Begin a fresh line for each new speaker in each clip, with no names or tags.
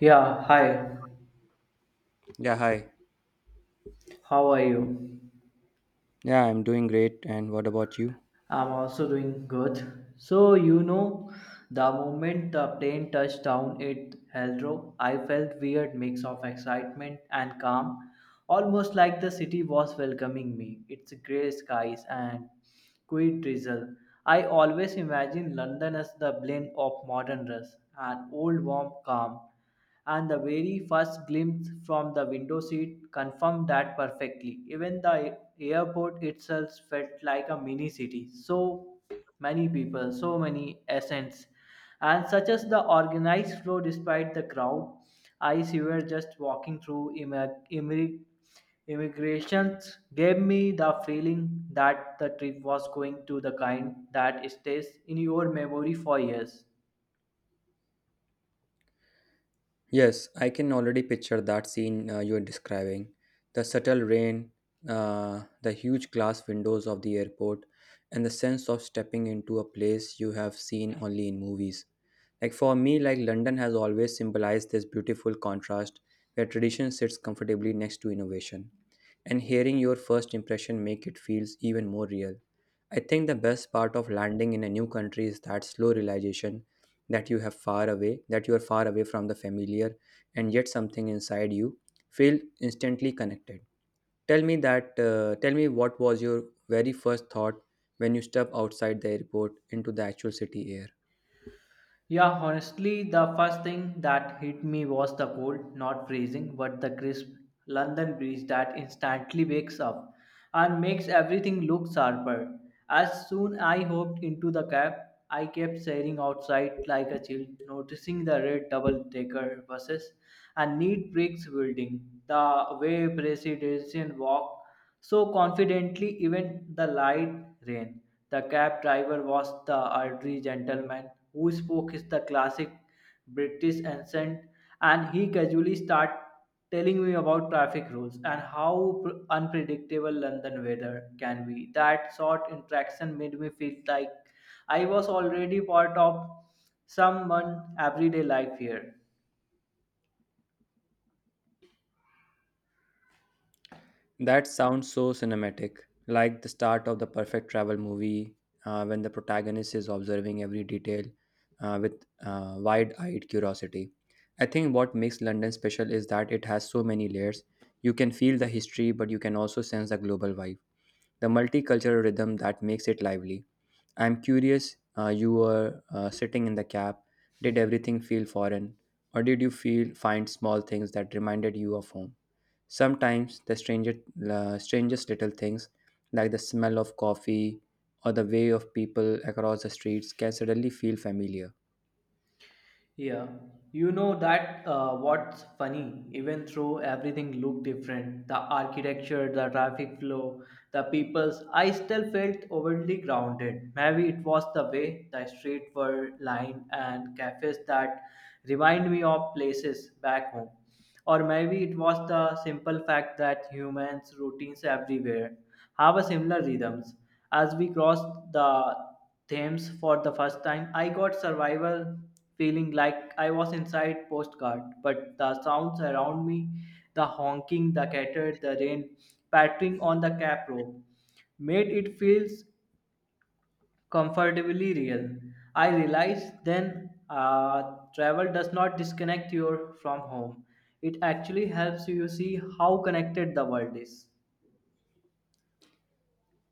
Yeah, hi.
Yeah, hi.
How are you?
Yeah, I'm doing great. And what about you?
I'm also doing good. So, you know, the moment the plane touched down at Heathrow, I felt weird mix of excitement and calm, almost like the city was welcoming me. Its gray skies and Quit drizzle. I always imagine London as the blend of modern rush and old warm calm, and the very first glimpse from the window seat confirmed that perfectly. Even the airport itself felt like a mini city. So many people, so many essence and such as the organized flow despite the crowd, I were just walking through immigrations gave me the feeling that the trip was going to the kind that stays in your memory for years.
Yes, I can already picture that scene you are describing. The subtle rain, the huge glass windows of the airport, and the sense of stepping into a place you have seen only in movies. Like for me, like London has always symbolized this beautiful contrast where tradition sits comfortably next to innovation. And hearing your first impression make it feels even more real. I think the best part of landing in a new country is that slow realization that you have far away, that you are far away from the familiar, and yet something inside you feel instantly connected. Tell me that. Tell me what was your very first thought when you step outside the airport into the actual city air.
Yeah, honestly, the first thing that hit me was the cold, not freezing, but the crisp London breeze that instantly wakes up and makes everything look sharper. As soon I hopped into the cab, I kept staring outside like a child, noticing the red double-decker buses and neat bricks building, the way Presidential Walk so confidently, even the light rain. The cab driver was the elderly gentleman who spoke his the classic British accent, and he casually started telling me about traffic rules and how unpredictable London weather can be. That short interaction made me feel like I was already part of someone everyday life here.
That sounds so cinematic, like the start of the perfect travel movie when the protagonist is observing every detail with wide eyed curiosity. I think what makes London special is that it has so many layers. You can feel the history, but you can also sense the global vibe, the multicultural rhythm that makes it lively. I'm curious, you were sitting in the cab, did everything feel foreign, or did you feel find small things that reminded you of home? Sometimes the stranger, strangest little things, like the smell of coffee or the way of people across the streets, can suddenly feel familiar.
Yeah, you know that, what's funny, even though everything looked different, the architecture, the traffic flow, the peoples, I still felt overly grounded. Maybe it was the way the streets were lined and cafes that remind me of places back home. Or maybe it was the simple fact that humans' routines everywhere have a similar rhythms. As we crossed the Thames for the first time, I got survival feeling like I was inside postcard, but the sounds around me, the honking, the clatter, the rain pattering on the cap rope, made it feels comfortably real. I realized then travel does not disconnect you from home. It actually helps you see how connected the world is.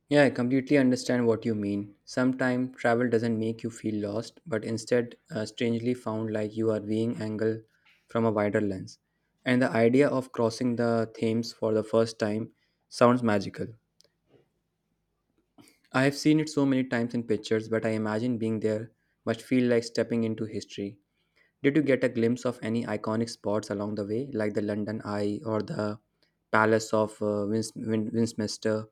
Yeah, I completely understand what you mean. Sometimes travel doesn't make you feel lost, but instead, strangely found like you are being angled from a wider lens. And the idea of crossing the Thames for the first time sounds magical. I have seen it so many times in pictures, but I imagine being there must feel like stepping into history. Did you get a glimpse of any iconic spots along the way, like the London Eye or the Palace of Westminster?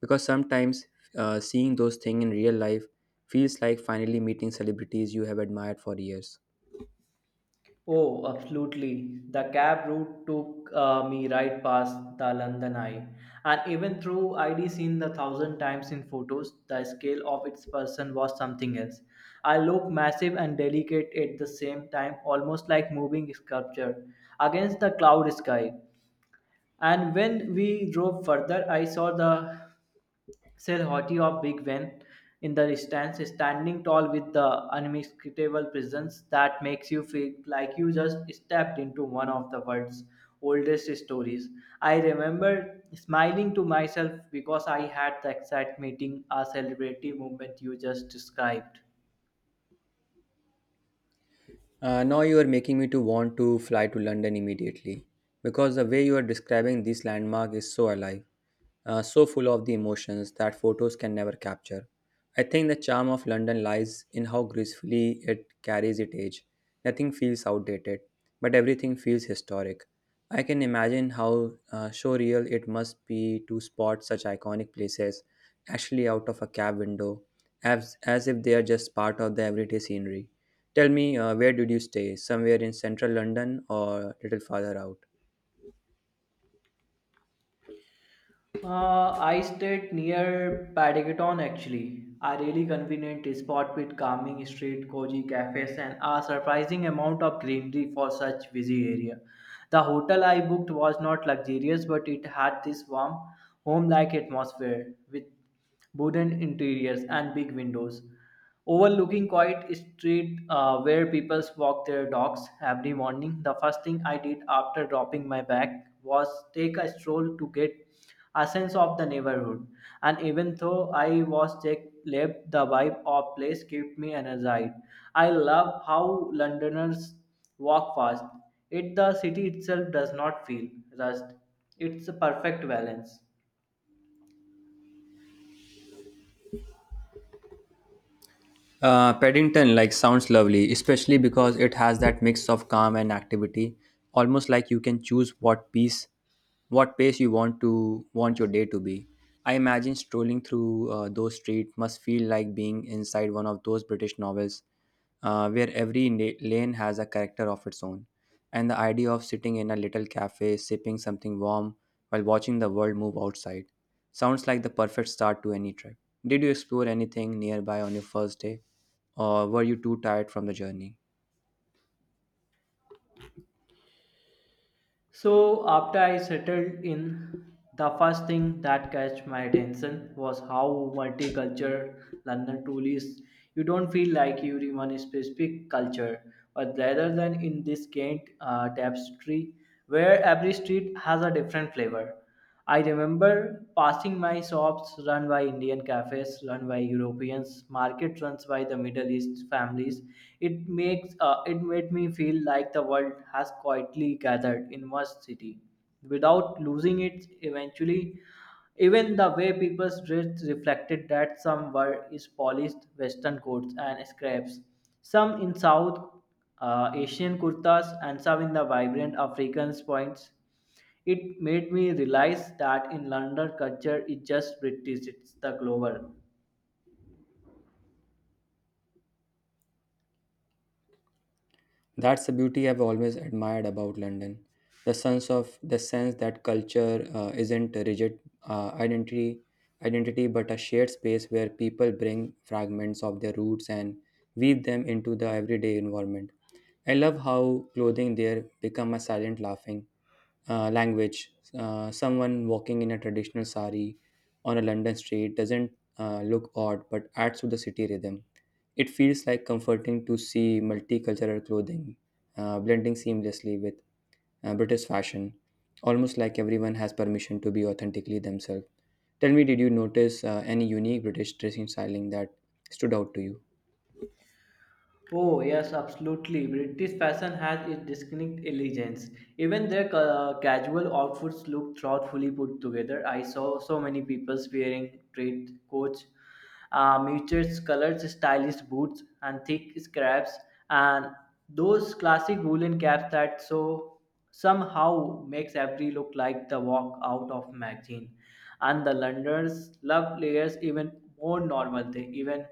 Because sometimes seeing those things in real life feels like finally meeting celebrities you have admired for years.
Oh, absolutely. The cab route took me right past the London Eye. And even though I'd seen the thousand times in photos, the scale of its person was something else. I looked massive and delicate at the same time, almost like moving sculpture against the cloud sky. And when we drove further, I saw the silhouette of Big Ben in the distance, standing tall with the unmistakable presence that makes you feel like you just stepped into one of the world's oldest stories. I remember smiling to myself because I had the exact meeting, a celebrity moment you just described.
Now you are making me to want to fly to London immediately because the way you are describing this landmark is so alive, so full of the emotions that photos can never capture. I think the charm of London lies in how gracefully it carries its age. Nothing feels outdated, but everything feels historic. I can imagine how surreal it must be to spot such iconic places actually out of a cab window, as if they are just part of the everyday scenery. Tell me, where did you stay? Somewhere in central London or little farther out?
I stayed near Padagetton actually. A really convenient spot with calming street, cozy cafes, and a surprising amount of greenery for such busy area. The hotel I booked was not luxurious, but it had this warm, home-like atmosphere with wooden interiors and big windows overlooking quiet street where people walk their dogs every morning. The first thing I did after dropping my bag was take a stroll to get a sense of the neighborhood. And even though I was tech left, the vibe of place kept me energized. I love how Londoners walk fast. It the city itself does not feel rushed. It's a perfect balance.
Paddington like sounds lovely, especially because it has that mix of calm and activity, almost like you can choose what pace you want to want your day to be. I imagine strolling through those streets must feel like being inside one of those British novels where every lane has a character of its own. And the idea of sitting in a little cafe, sipping something warm while watching the world move outside, sounds like the perfect start to any trip. Did you explore anything nearby on your first day, or were you too tired from the journey?
So after I settled in, the first thing that catch my attention was how multicultural London truly is. You don't feel like you're in one specific culture, but rather than in this quaint tapestry where every street has a different flavor. I remember passing my shops run by Indian cafes, run by Europeans, markets run by the Middle East families. It makes it made me feel like the world has quietly gathered in one city without losing it eventually even the way people's dress reflected that some were is polished western coats and scraps, some in South Asian kurtas, and some in the vibrant African points. It made me realize that in London culture is just British, it's the global.
That's the beauty I've always admired about London. The sense that culture isn't a rigid uh, identity identity but a shared space where people bring fragments of their roots and weave them into the everyday environment. I love how clothing there become a silent laughing language. Someone walking in a traditional sari on a London street doesn't look odd but adds to the city rhythm. It feels like comforting to see multicultural clothing blending seamlessly with British fashion, almost like everyone has permission to be authentically themselves. Tell me, did you notice any unique British dressing styling that stood out to you?
Oh, yes, absolutely. British fashion has its distinct elegance. Even their casual outfits look thoughtfully put together. I saw so many people wearing straight coats, muted colored stylish boots, and thick scraps, and those classic woolen caps that so somehow makes every look like the walk out of magazine. And the Londoners love layers even more normal. They even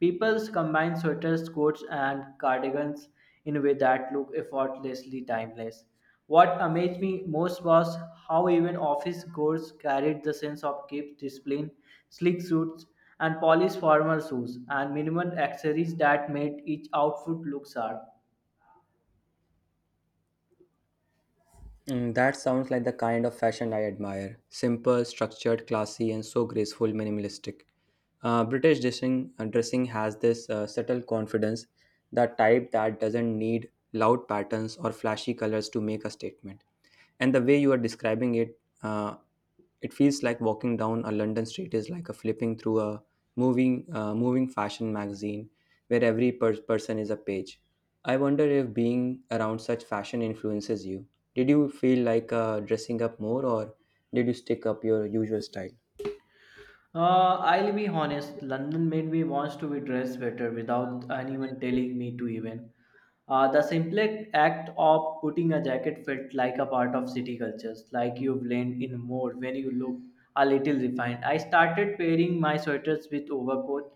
People combine sweaters, coats, and cardigans in a way that look effortlessly timeless. What amazed me most was how even office goers carried the sense of keep discipline, sleek suits, and polished formal shoes, and minimal accessories that made each outfit look sharp.
Mm, that sounds like the kind of fashion I admire. Simple, structured, classy, and so graceful, minimalistic. British dressing has this subtle confidence, the type that doesn't need loud patterns or flashy colors to make a statement. And the way you are describing it, it feels like walking down a London street is like a flipping through a moving fashion magazine where every person is a page. I wonder if being around such fashion influences you. Did you feel like dressing up more, or did you stick up your usual style?
I'll be honest, London made me want to be dressed better without anyone telling me to even. The simple act of putting a jacket felt like a part of city cultures, like you blend in more when you look a little refined. I started pairing my sweaters with overcoat,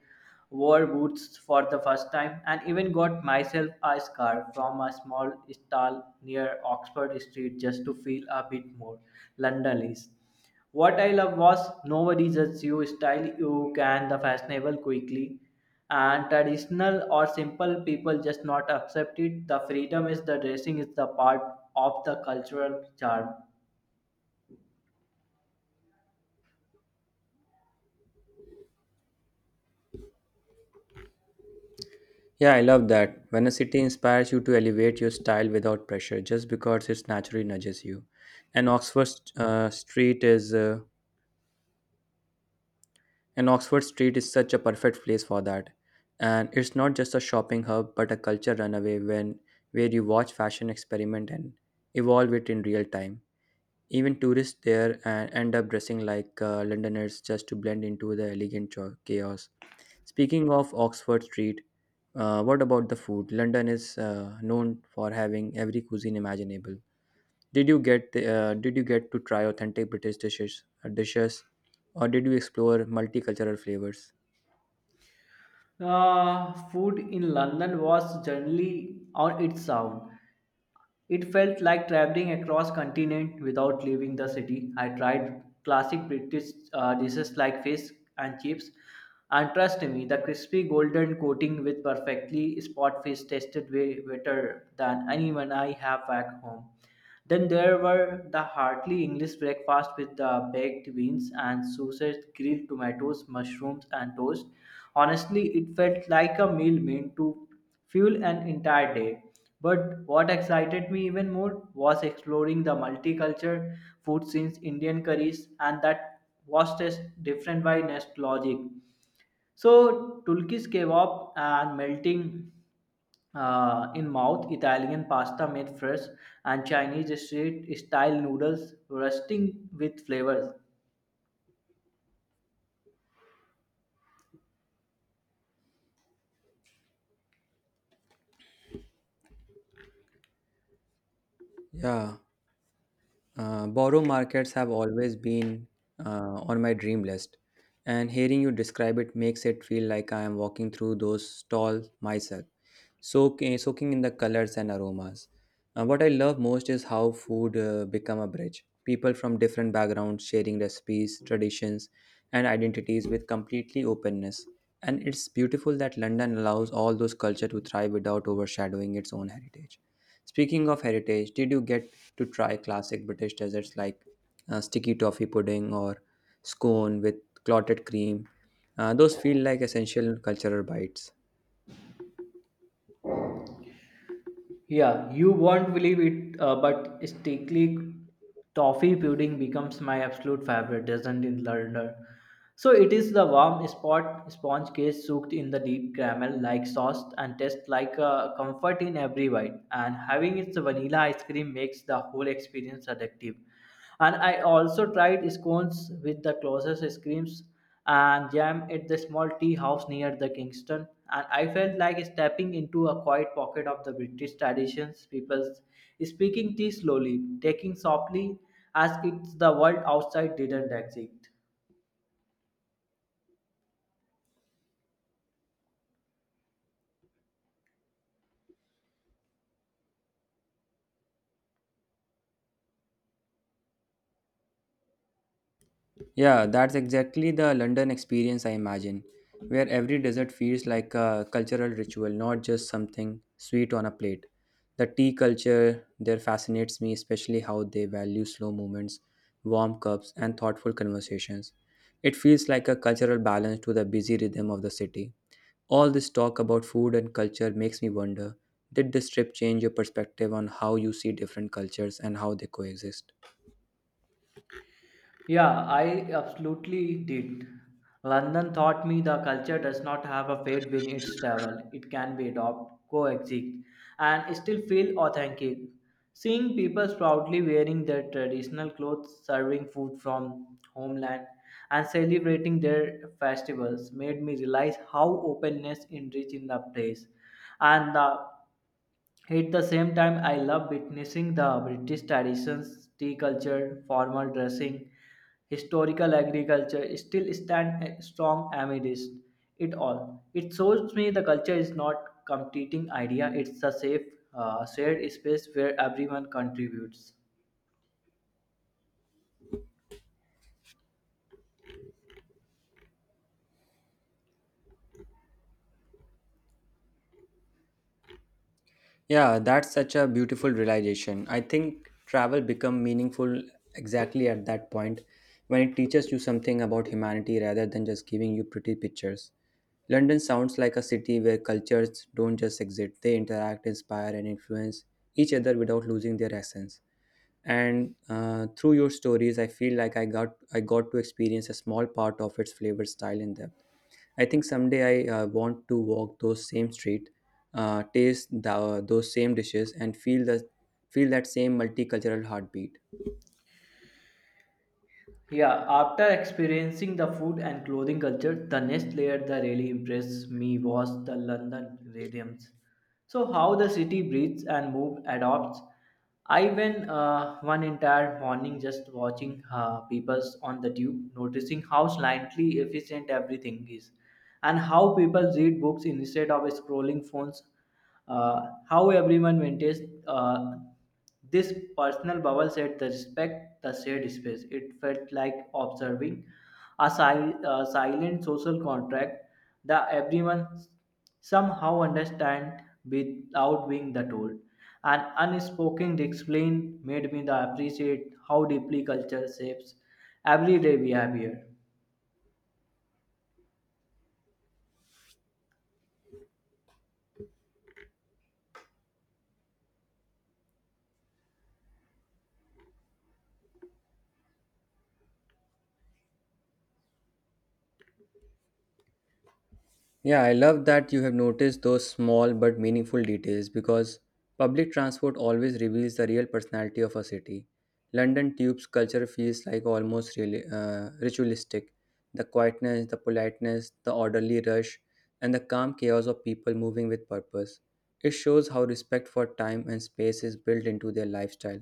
wore boots for the first time, and even got myself a scarf from a small stall near Oxford Street just to feel a bit more Londonese. What I love was nobody judges you style, you can the fashionable quickly and traditional or simple people just not accept it. The freedom is the dressing is the part of the cultural charm.
Yeah, I love that when a city inspires you to elevate your style without pressure, just because it's naturally nudges you. and oxford uh, street is uh, And Oxford Street is such a perfect place for that. And it's not just a shopping hub but a culture runaway when where you watch fashion experiment and evolve it in real time. Even tourists there and end up dressing like Londoners just to blend into the elegant chaos. Speaking of Oxford Street, what about the food? London is known for having every cuisine imaginable. Did you get to try authentic British dishes, or did you explore multicultural flavors?
Food in London was generally on its own. It felt like traveling across continent without leaving the city. I tried classic British dishes like fish and chips, and trust me, the crispy golden coating with perfectly spot fish tasted way better than anyone I have back home. Then there were the hearty English breakfast with the baked beans and sausage, grilled tomatoes, mushrooms, and toast. Honestly, it felt like a meal meant to fuel an entire day. But what excited me even more was exploring the multicultural food scenes, Indian curries, and that was just different by nostalgic. So, Turkish kebab and melting in mouth, Italian pasta made fresh, and Chinese street style noodles rusting with flavors.
Yeah, borrow markets have always been on my dream list, and hearing you describe it makes it feel like I am walking through those stalls myself soaking in the colors and aromas. What I love most is how food become a bridge. People from different backgrounds sharing recipes, traditions, and identities with completely openness. And it's beautiful that London allows all those culture to thrive without overshadowing its own heritage. Speaking of heritage, did you get to try classic British desserts like sticky toffee pudding or scone with clotted cream? Those feel like essential cultural bites.
Yeah, you won't believe it, but sticky toffee pudding becomes my absolute favorite doesn't in London. So it is the warm spot sponge cake soaked in the deep caramel like sauce and tastes like a comfort in every bite. And having its vanilla ice cream makes the whole experience addictive. And I also tried scones with the closest screams and jam at the small tea house near the Kingston. And I felt like stepping into a quiet pocket of the British traditions, people speaking tea slowly, taking softly as if the world outside didn't exist.
Yeah, that's exactly the London experience I imagine, where every dessert feels like a cultural ritual, not just something sweet on a plate. The tea culture there fascinates me, especially how they value slow movements, warm cups, and thoughtful conversations. It feels like a cultural balance to the busy rhythm of the city. All this talk about food and culture makes me wonder, did this trip change your perspective on how you see different cultures and how they coexist?
Yeah, I absolutely did. London taught me the culture does not have a fate when it's travel. It can be adopted, coexist, and still feel authentic. Seeing people proudly wearing their traditional clothes, serving food from homeland, and celebrating their festivals made me realize how openness enriches in the place. And the at the same time, I love witnessing the British traditions, tea culture, formal dressing, historical agriculture still stand strong amidst it all. It shows me the culture is not competing idea; it's a safe, shared space where everyone contributes.
Yeah, that's such a beautiful realization. I think travel become meaningful exactly at that point when it teaches you something about humanity rather than just giving you pretty pictures. London sounds like a city where cultures don't just exist, they interact, inspire, and influence each other without losing their essence. And through your stories, I feel like I got to experience a small part of its flavor, style, and depth. I think someday I want to walk those same street, those same dishes, and feel the feel that same multicultural heartbeat.
Yeah, after experiencing the food and clothing culture, the next layer that really impressed me was the London rhythms. So how the city breathes and moves, adopts. I went one entire morning just watching people on the tube, noticing how slightly efficient everything is, and how people read books instead of scrolling phones. Uh, how everyone maintains uh, this personal bubble set the respect the shared space. It felt like observing a, a silent social contract that everyone somehow understand without being the told. An unspoken explain made me the appreciate how deeply culture shapes everyday behavior.
Yeah, I love that you have noticed those small but meaningful details, because public transport always reveals the real personality of a city. London Tube's culture feels like almost really, ritualistic. The quietness, the politeness, the orderly rush, and the calm chaos of people moving with purpose. It shows how respect for time and space is built into their lifestyle.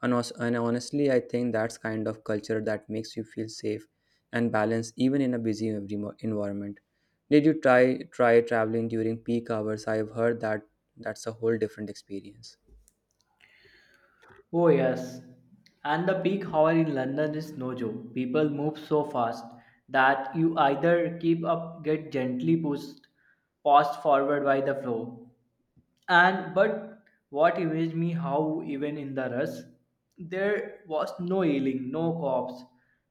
And, also, and honestly, I think that's kind of culture that makes you feel safe and balanced even in a busy environment. Did you try traveling during peak hours? I've heard that that's a whole different experience.
Oh, yes. And the peak hour in London is no joke. People move so fast that you either keep up, get gently pushed, passed forward by the flow. And but what amazed me how even in the rush, there was no yelling, no cops,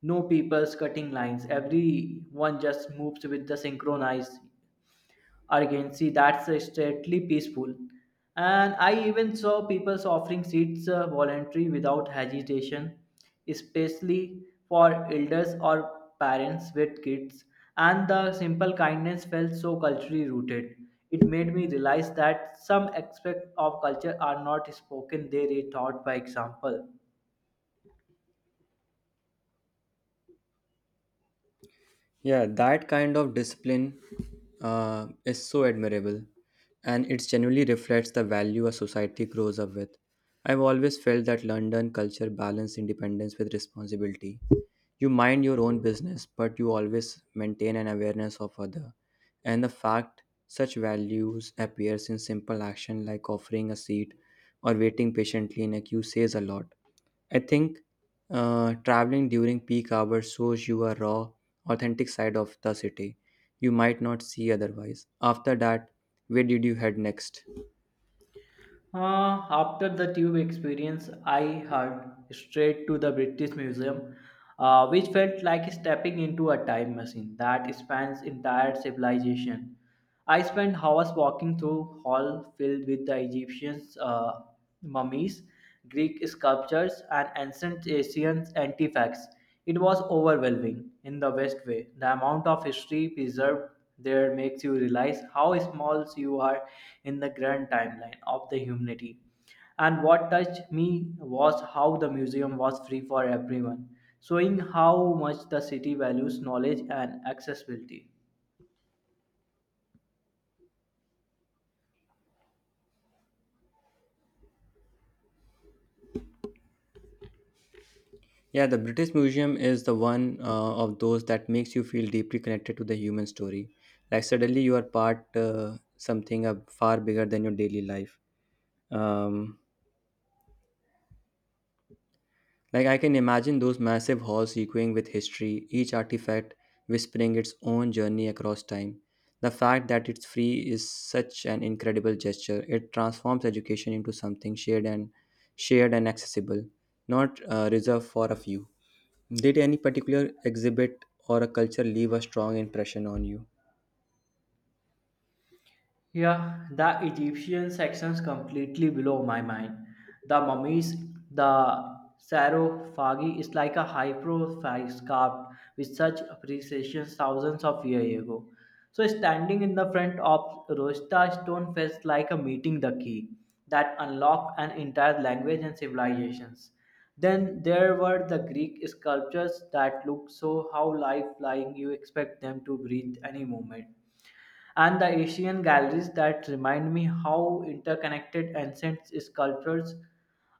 no people's cutting lines. Everyone just moves with the synchronized. Again, see that's strictly peaceful. And I even saw people offering seats voluntary without hesitation, especially for elders or parents with kids. And the simple kindness felt so culturally rooted. It made me realize that some aspects of culture are not spoken, they are taught by example.
Yeah, that kind of discipline is so admirable, and it genuinely reflects the value a society grows up with. I've always felt that London culture balanced independence with responsibility. You mind your own business, but you always maintain an awareness of other. And the fact such values appears in simple action like offering a seat or waiting patiently in a queue says a lot. I think traveling during peak hours shows you a raw, authentic side of the city you might not see otherwise. After that, where did you head next?
After the tube experience, I heard straight to the British Museum, which felt like stepping into a time machine that spans entire civilization. I spent hours walking through hall filled with the Egyptians' mummies, Greek sculptures, and ancient Asian artifacts. It was overwhelming in the best way. The amount of history preserved there makes you realize how small you are in the grand timeline of the humanity. And what touched me was how the museum was free for everyone, showing how much the city values knowledge and accessibility.
Yeah, the British Museum is the one of those that makes you feel deeply connected to the human story. Like suddenly you are part something far bigger than your daily life. Um, Like I can imagine those massive halls echoing with history, each artifact whispering its own journey across time. The fact that it's free is such an incredible gesture. It transforms education into something shared and accessible, not reserved for a few. Did any particular exhibit or a culture leave a strong impression on you?
Yeah, the Egyptian sections completely blow my mind. The mummies, the sarcophagi is like a high profile sculpt with such appreciation thousands of years ago. So standing in the front of Rosta stone felt like a meeting the key that unlocked an entire language and civilizations. Then there were the Greek sculptures that looked so how lifelike you expect them to breathe any moment and the Asian galleries that remind me how interconnected ancient sculptures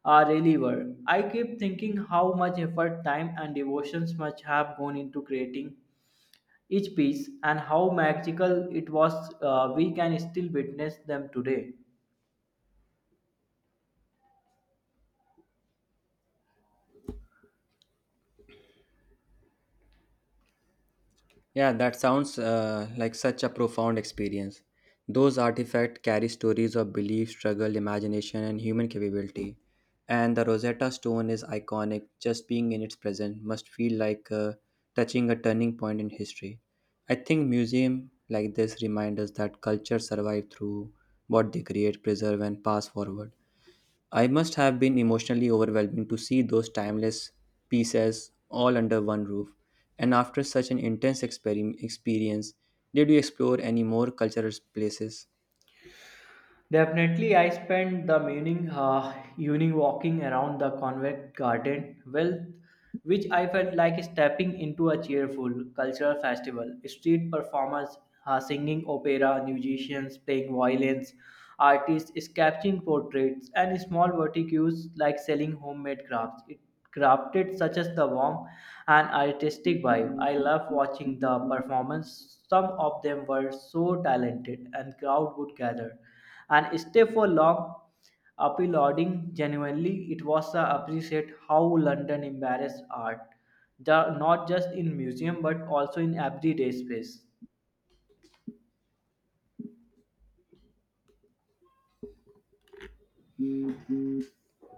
are really were. I keep thinking how much effort, time, and devotions must have gone into creating each piece and how magical it was. We can still witness them today.
Yeah, that sounds like such a profound experience. Those artifacts carry stories of belief, struggle, imagination, and human capability. And the Rosetta Stone is iconic. Just being in its presence must feel like touching a turning point in history. I think museums like this remind us that cultures survive through what they create, preserve, and pass forward. I must have been emotionally overwhelming to see those timeless pieces all under one roof. And after such an intense experience, did you explore any more cultural places?
Definitely, I spent the evening, evening walking around the convent garden, well, which I felt like stepping into a cheerful cultural festival. Street performers singing opera, musicians playing violins, artists sketching portraits, and small vertices like selling homemade crafts. It crafted such as the warm and artistic vibe. I love watching the performance. Some of them were so talented, and crowd would gather and stay for long applauding genuinely it was a appreciate how london embarrassed art the, not just in museum but also in everyday space.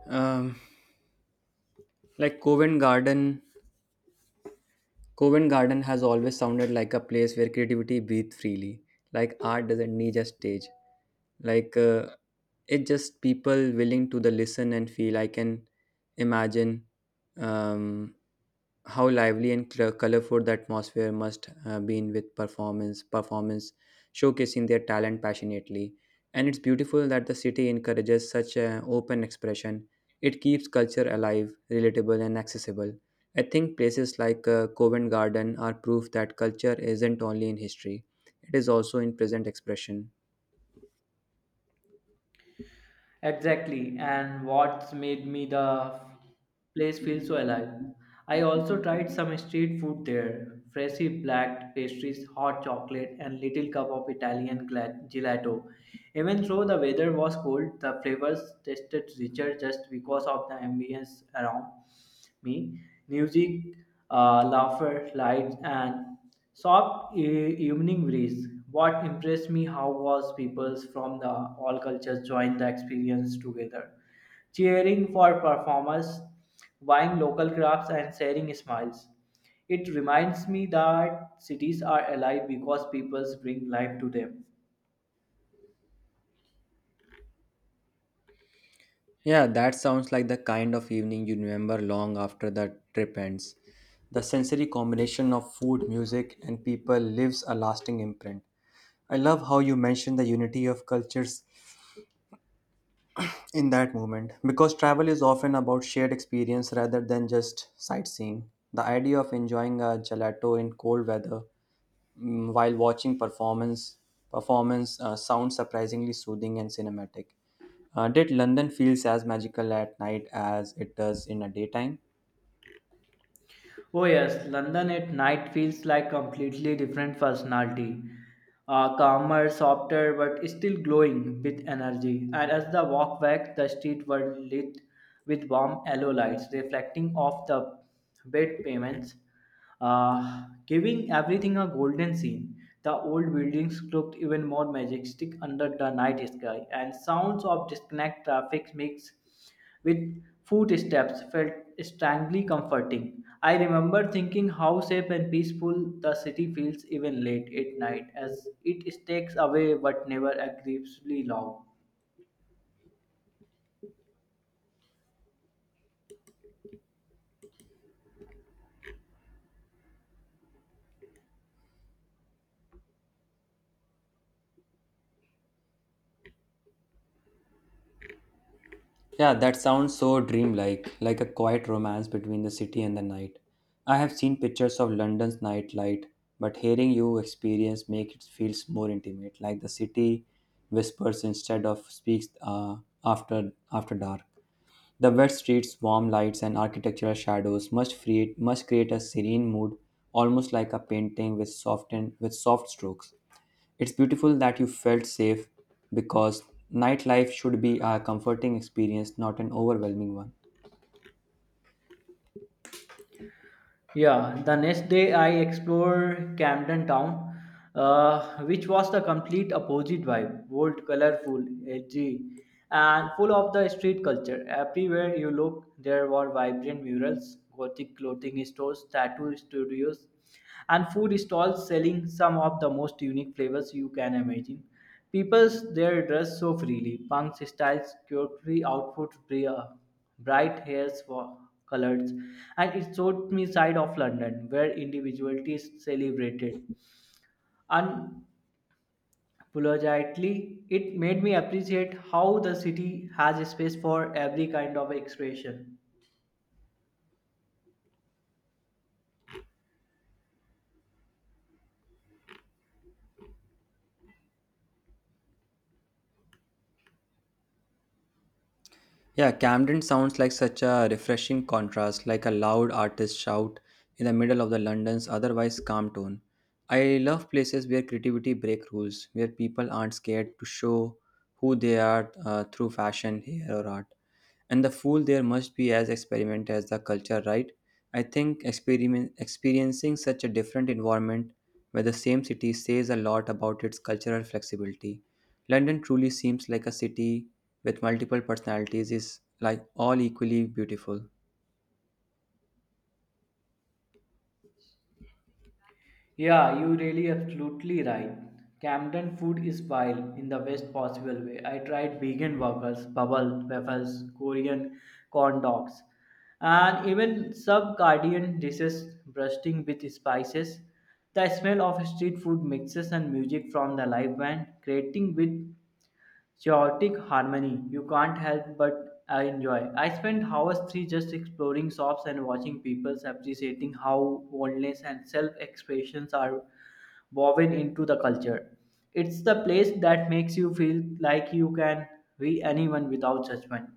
Um, like Covent Garden, Covent Garden has always sounded like a place where creativity breathes freely. Like art doesn't need a stage. Like it's just people willing to the listen and feel. I can imagine um, how lively and colorful the atmosphere must been with performance showcasing their talent passionately, and it's beautiful that the city encourages such an open expression. It keeps culture alive, relatable, and accessible. I think places like Covent Garden are proof that culture isn't only in history, it is also in present expression.
Exactly, and what's made me the place feel so alive. I also tried some street food there, freshy black pastries, hot chocolate, and little cup of Italian gelato. Even though the weather was cold, the flavors tasted richer just because of the ambience around. Me. Music, laughter, lights, and soft evening breeze. What impressed me how was people from the all cultures joined the experience together, cheering for performers, buying local crafts, and sharing smiles. It reminds me that cities are alive because people bring life to them.
Yeah, that sounds like the kind of evening you remember long after the trip ends. The sensory combination of food, music, and people leaves a lasting imprint. I love how you mentioned the unity of cultures in that moment because travel is often about shared experience rather than just sightseeing. The idea of enjoying a gelato in cold weather, while watching performance sounds surprisingly soothing and cinematic. Did London feels as magical at night as it does in the daytime?
Oh yes, London at night feels like completely different personality. Calmer, softer, but still glowing with energy. And as the walk back, the street were lit with warm yellow lights, reflecting off the bed pavements, giving everything a golden sheen. The old buildings looked even more majestic under the night sky, and sounds of disconnect traffic mix with footsteps felt strangely comforting. I remember thinking how safe and peaceful the city feels even late at night as it stakes away but never aggressively loud.
Yeah, that sounds so dreamlike, like a quiet romance between the city and the night. I have seen pictures of London's nightlight, but hearing you experience make it feels more intimate, like the city whispers instead of speaks after dark. The wet streets, warm lights, and architectural shadows must create a serene mood, almost like a painting with soft strokes. It's beautiful that you felt safe because nightlife should be a comforting experience, not an overwhelming one.
Yeah, the next day I explored Camden Town, which was the complete opposite vibe bold, colorful, edgy, and full of the street culture. Everywhere you look, there were vibrant murals, gothic clothing stores, tattoo studios, and food stalls selling some of the most unique flavors you can imagine. People there dress so freely, punks styles, quirky outfits, bright hairs, colors, and it showed me side of London where individuality is celebrated. Unapologetically, it made me appreciate how the city has space for every kind of expression.
Yeah, Camden sounds like such a refreshing contrast, like a loud artist shout in the middle of the London's otherwise calm tone. I love places where creativity break rules, where people aren't scared to show who they are through fashion, hair, or art. And the fool there must be as experiment as the culture, right? I think experiencing such a different environment where the same city says a lot about its cultural flexibility. London truly seems like a city with multiple personalities is like all equally beautiful.
Yeah, you really absolutely right. Camden food is wild in the best possible way. I tried vegan waffles, bubble waffles, Korean corn dogs, and even sub Caribbean dishes brusting with spices. The smell of street food mixes and music from the live band creating with chaotic harmony you can't help but enjoy. I spent hours three just exploring shops and watching people appreciating how boldness and self-expressions are woven into the culture. It's the place that makes you feel like you can be anyone without judgment.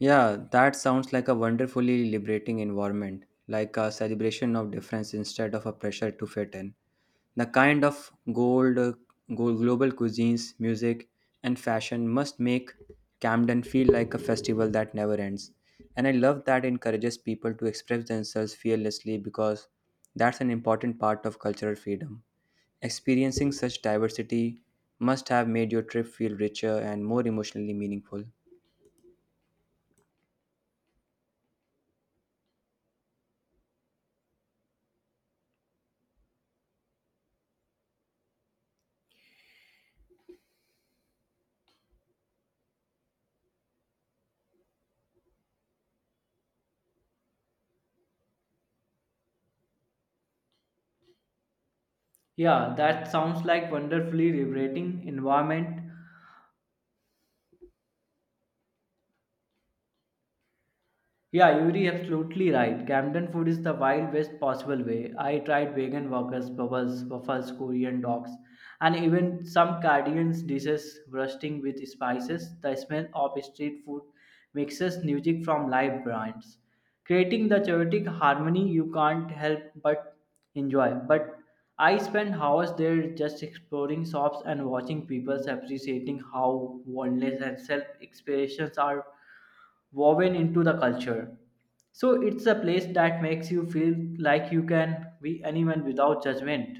Yeah, that sounds like a wonderfully liberating environment, like a celebration of difference instead of a pressure to fit in. The kind of global cuisines, music, and fashion must make Camden feel like a festival that never ends. And I love that encourages people to express themselves fearlessly because that's an important part of cultural freedom. Experiencing such diversity must have made your trip feel richer and more emotionally meaningful.
Yeah, that sounds like wonderfully liberating environment. Yeah, Yuri, absolutely right. Camden food is the wild best possible way. I tried vegan burgers, bubbles, waffles, Korean dogs, and even some Caribbean dishes rusting with spices. The smell of street food mixes music from live brands, creating the chaotic harmony you can't help but enjoy. But I spent hours there just exploring shops and watching people appreciating how wellness and self expressions are woven into the culture. So it's a place that makes you feel like you can be anyone without judgment.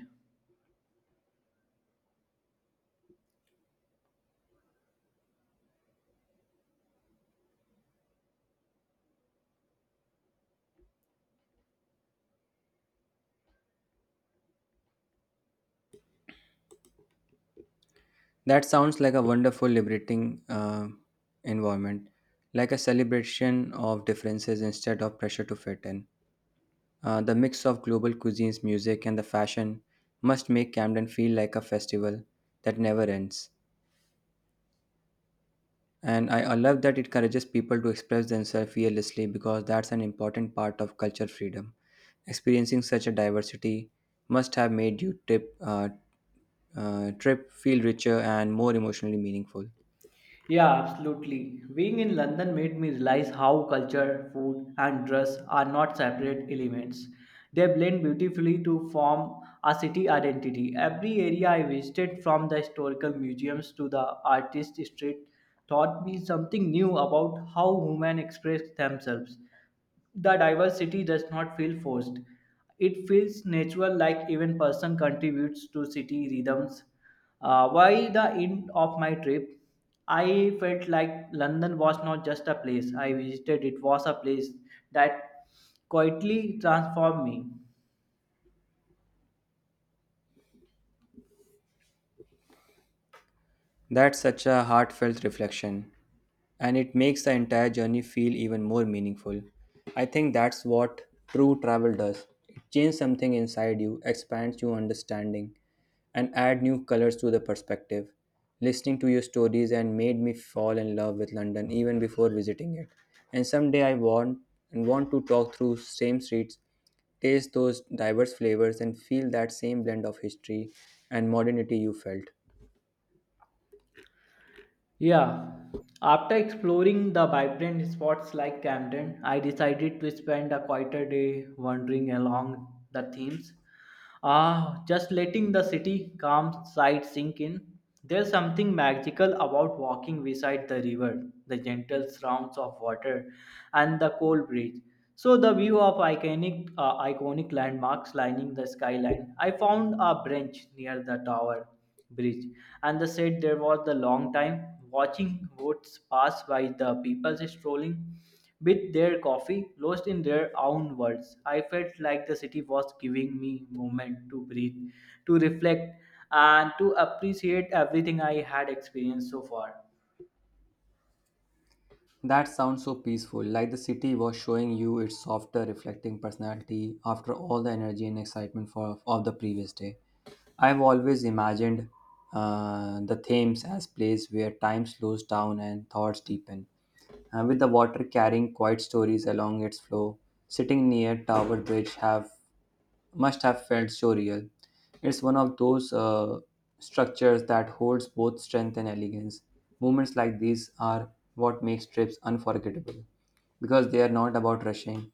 That sounds like a wonderful, liberating environment, like a celebration of differences instead of pressure to fit in. The mix of global cuisines, music, and the fashion must make Camden feel like a festival that never ends. And I love that it encourages people to express themselves fearlessly because that's an important part of culture freedom. Experiencing such a diversity must have made you trip, trip feel richer and more emotionally meaningful.
Yeah, absolutely. Being in London made me realize how culture, food, and dress are not separate elements. They blend beautifully to form a city identity. Every area I visited, from the historical museums to the artist street, taught me something new about how women express themselves. The diversity does not feel forced, it feels natural like even person contributes to city rhythms. By the end of my trip, I felt like london was not just a place I visited, it was a place that quietly transformed me.
That's such a heartfelt reflection, and it makes the entire journey feel even more meaningful. I think that's what true travel does. It changes something inside you, expands your understanding, and add new colors to the perspective. Listening to your stories and made me fall in love with London even before visiting it. And someday I want and want to talk through same streets, taste those diverse flavors and feel that same blend of history and modernity you felt.
Yeah, after exploring the vibrant spots like Camden, I decided to spend a quieter day wandering along the Thames. Ah, just letting the city calm side sink in. There's something magical about walking beside the river, the gentle sounds of water, and the cold breeze. So the view of iconic, iconic landmarks lining the skyline. I found a bench near the tower bridge and they said there was the long time watching boats pass by the people strolling with their coffee lost in their own worlds. I felt like the city was giving me moment to breathe, to reflect, and to appreciate everything I had experienced so far.
That sounds so peaceful, like the city was showing you its softer, reflecting personality after all the energy and excitement of the previous day. I've always imagined the Thames as place where time slows down and thoughts deepen, and with the water carrying quiet stories along its flow. Sitting near Tower Bridge have must have felt surreal. It's one of those structures that holds both strength and elegance. Moments like these are what makes trips unforgettable because they are not about rushing;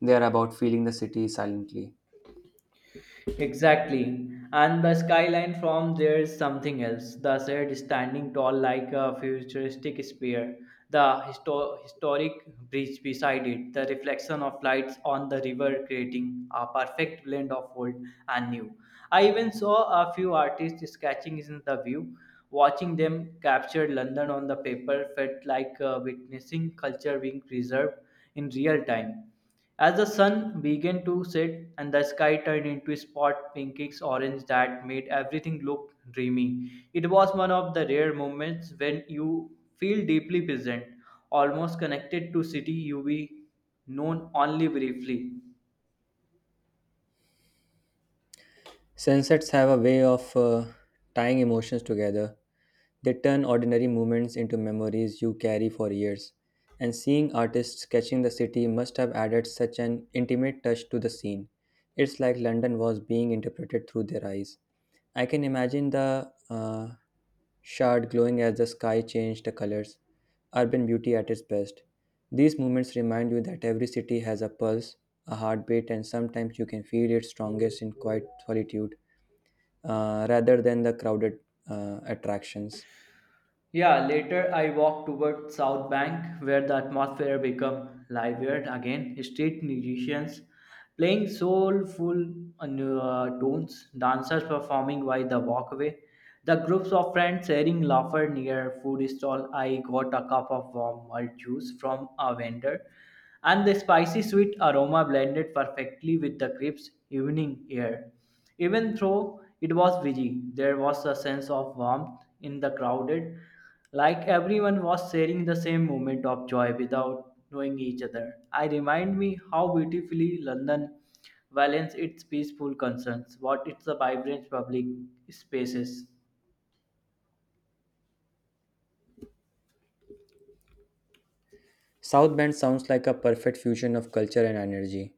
they are about feeling the city silently.
Exactly. And the skyline from there is something else. The shed standing tall like a futuristic spear. The historic bridge beside it. The reflection of lights on the river creating a perfect blend of old and new. I even saw a few artists sketching in the view. Watching them capture London on the paper felt like witnessing culture being preserved in real time. As the sun began to set and the sky turned into a spot pinkish orange that made everything look dreamy, it was one of the rare moments when you feel deeply present, almost connected to city you be known only briefly.
Sunsets have a way of tying emotions together. They turn ordinary moments into memories you carry for years. And seeing artists sketching the city must have added such an intimate touch to the scene. It's like London was being interpreted through their eyes. I can imagine the shard glowing as the sky changed the colors, urban beauty at its best. These moments remind you that every city has a pulse, a heartbeat, and sometimes you can feel it strongest in quiet solitude, rather than the crowded attractions.
Yeah, later I walked toward South Bank where the atmosphere became livelier again. Street musicians playing soulful tunes, dancers performing by the walkway, the groups of friends sharing laughter near food stall. I got a cup of warm malt juice from a vendor, and the spicy sweet aroma blended perfectly with the crisp evening air. Even though it was busy, there was a sense of warmth in the crowded, like everyone was sharing the same moment of joy without knowing each other. I remind me how beautifully London balances its peaceful concerns, what its vibrant public spaces.
South Bend sounds like a perfect fusion of culture and energy.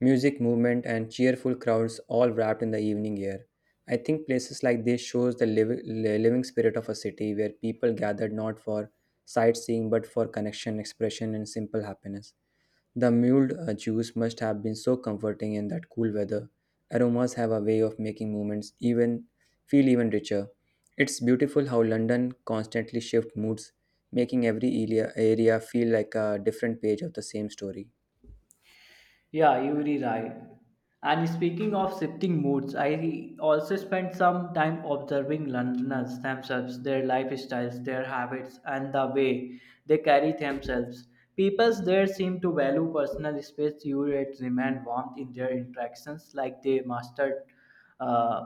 Music, movement, and cheerful crowds all wrapped in the evening air. I think places like this shows the living spirit of a city where people gathered not for sightseeing but for connection, expression, and simple happiness. The mulled juice must have been so comforting in that cool weather. Aromas have a way of making moments even feel even richer. It's beautiful how London constantly shifts moods, making area feel like a different page of the same story.
Yeah, you're right. And speaking of shifting moods, I also spent some time observing Londoners themselves, their lifestyles, their habits, and the way they carry themselves. People there seem to value personal space, euratism, and warmth in their interactions, like they mastered uh,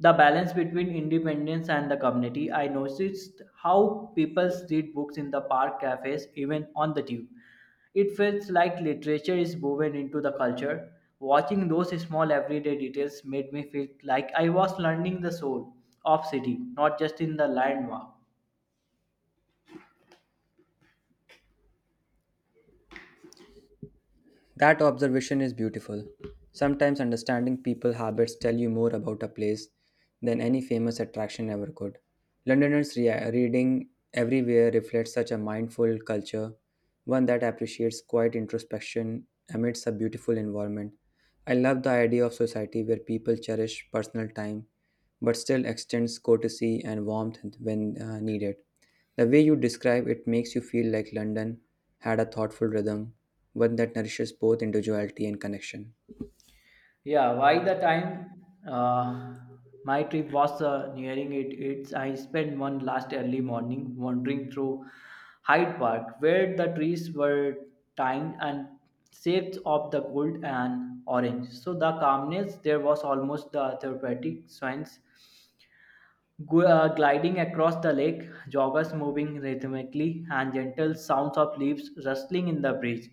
the balance between independence and the community. I noticed how people read books in the park, cafes, even on the tube it feels like literature is woven into the culture. Watching those small everyday details made me feel like I was learning the soul of city, not just in the landmark.
That observation is beautiful. Sometimes understanding people habits tell you more about a place than any famous attraction ever could. Londoners reading everywhere reflects such a mindful culture, one that appreciates quiet introspection amidst a beautiful environment. I love the idea of society where people cherish personal time but still extends courtesy and warmth when needed. The way you describe it makes you feel like London had a thoughtful rhythm, one that nourishes both individuality and connection.
Yeah, by the time uh, my trip was nearing it, it's I spent one last early morning wandering through Hyde Park, where the trees were tined and shapes of the gold and orange. So the calmness there was almost the therapeutic sense gliding across the lake, joggers moving rhythmically, and gentle sounds of leaves rustling in the breeze.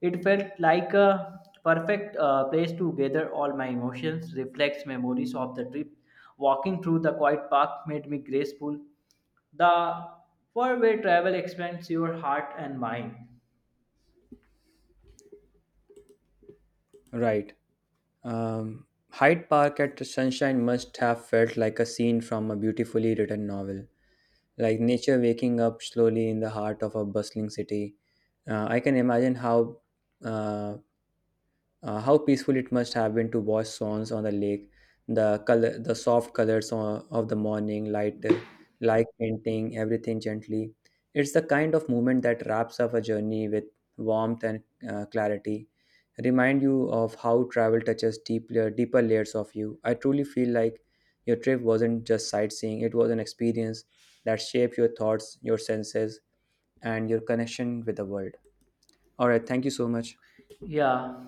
It felt like a perfect place to gather all my emotions, reflects memories of the trip. Walking through the quiet park made me graceful. The four-way travel expands your heart and mind.
Right. Hyde Park at sunshine must have felt like a scene from a beautifully written novel, like nature waking up slowly in the heart of a bustling city. I can imagine uh, how peaceful it must have been to watch swans on the lake, the soft colors of the morning light, like painting everything gently. It's the kind of movement that wraps up a journey with warmth and clarity. Remind you of how travel touches deeper layers of you. I truly feel like your trip wasn't just sightseeing; it was an experience that shaped your thoughts, your senses, and your connection with the world. All right, thank you so much.
Yeah.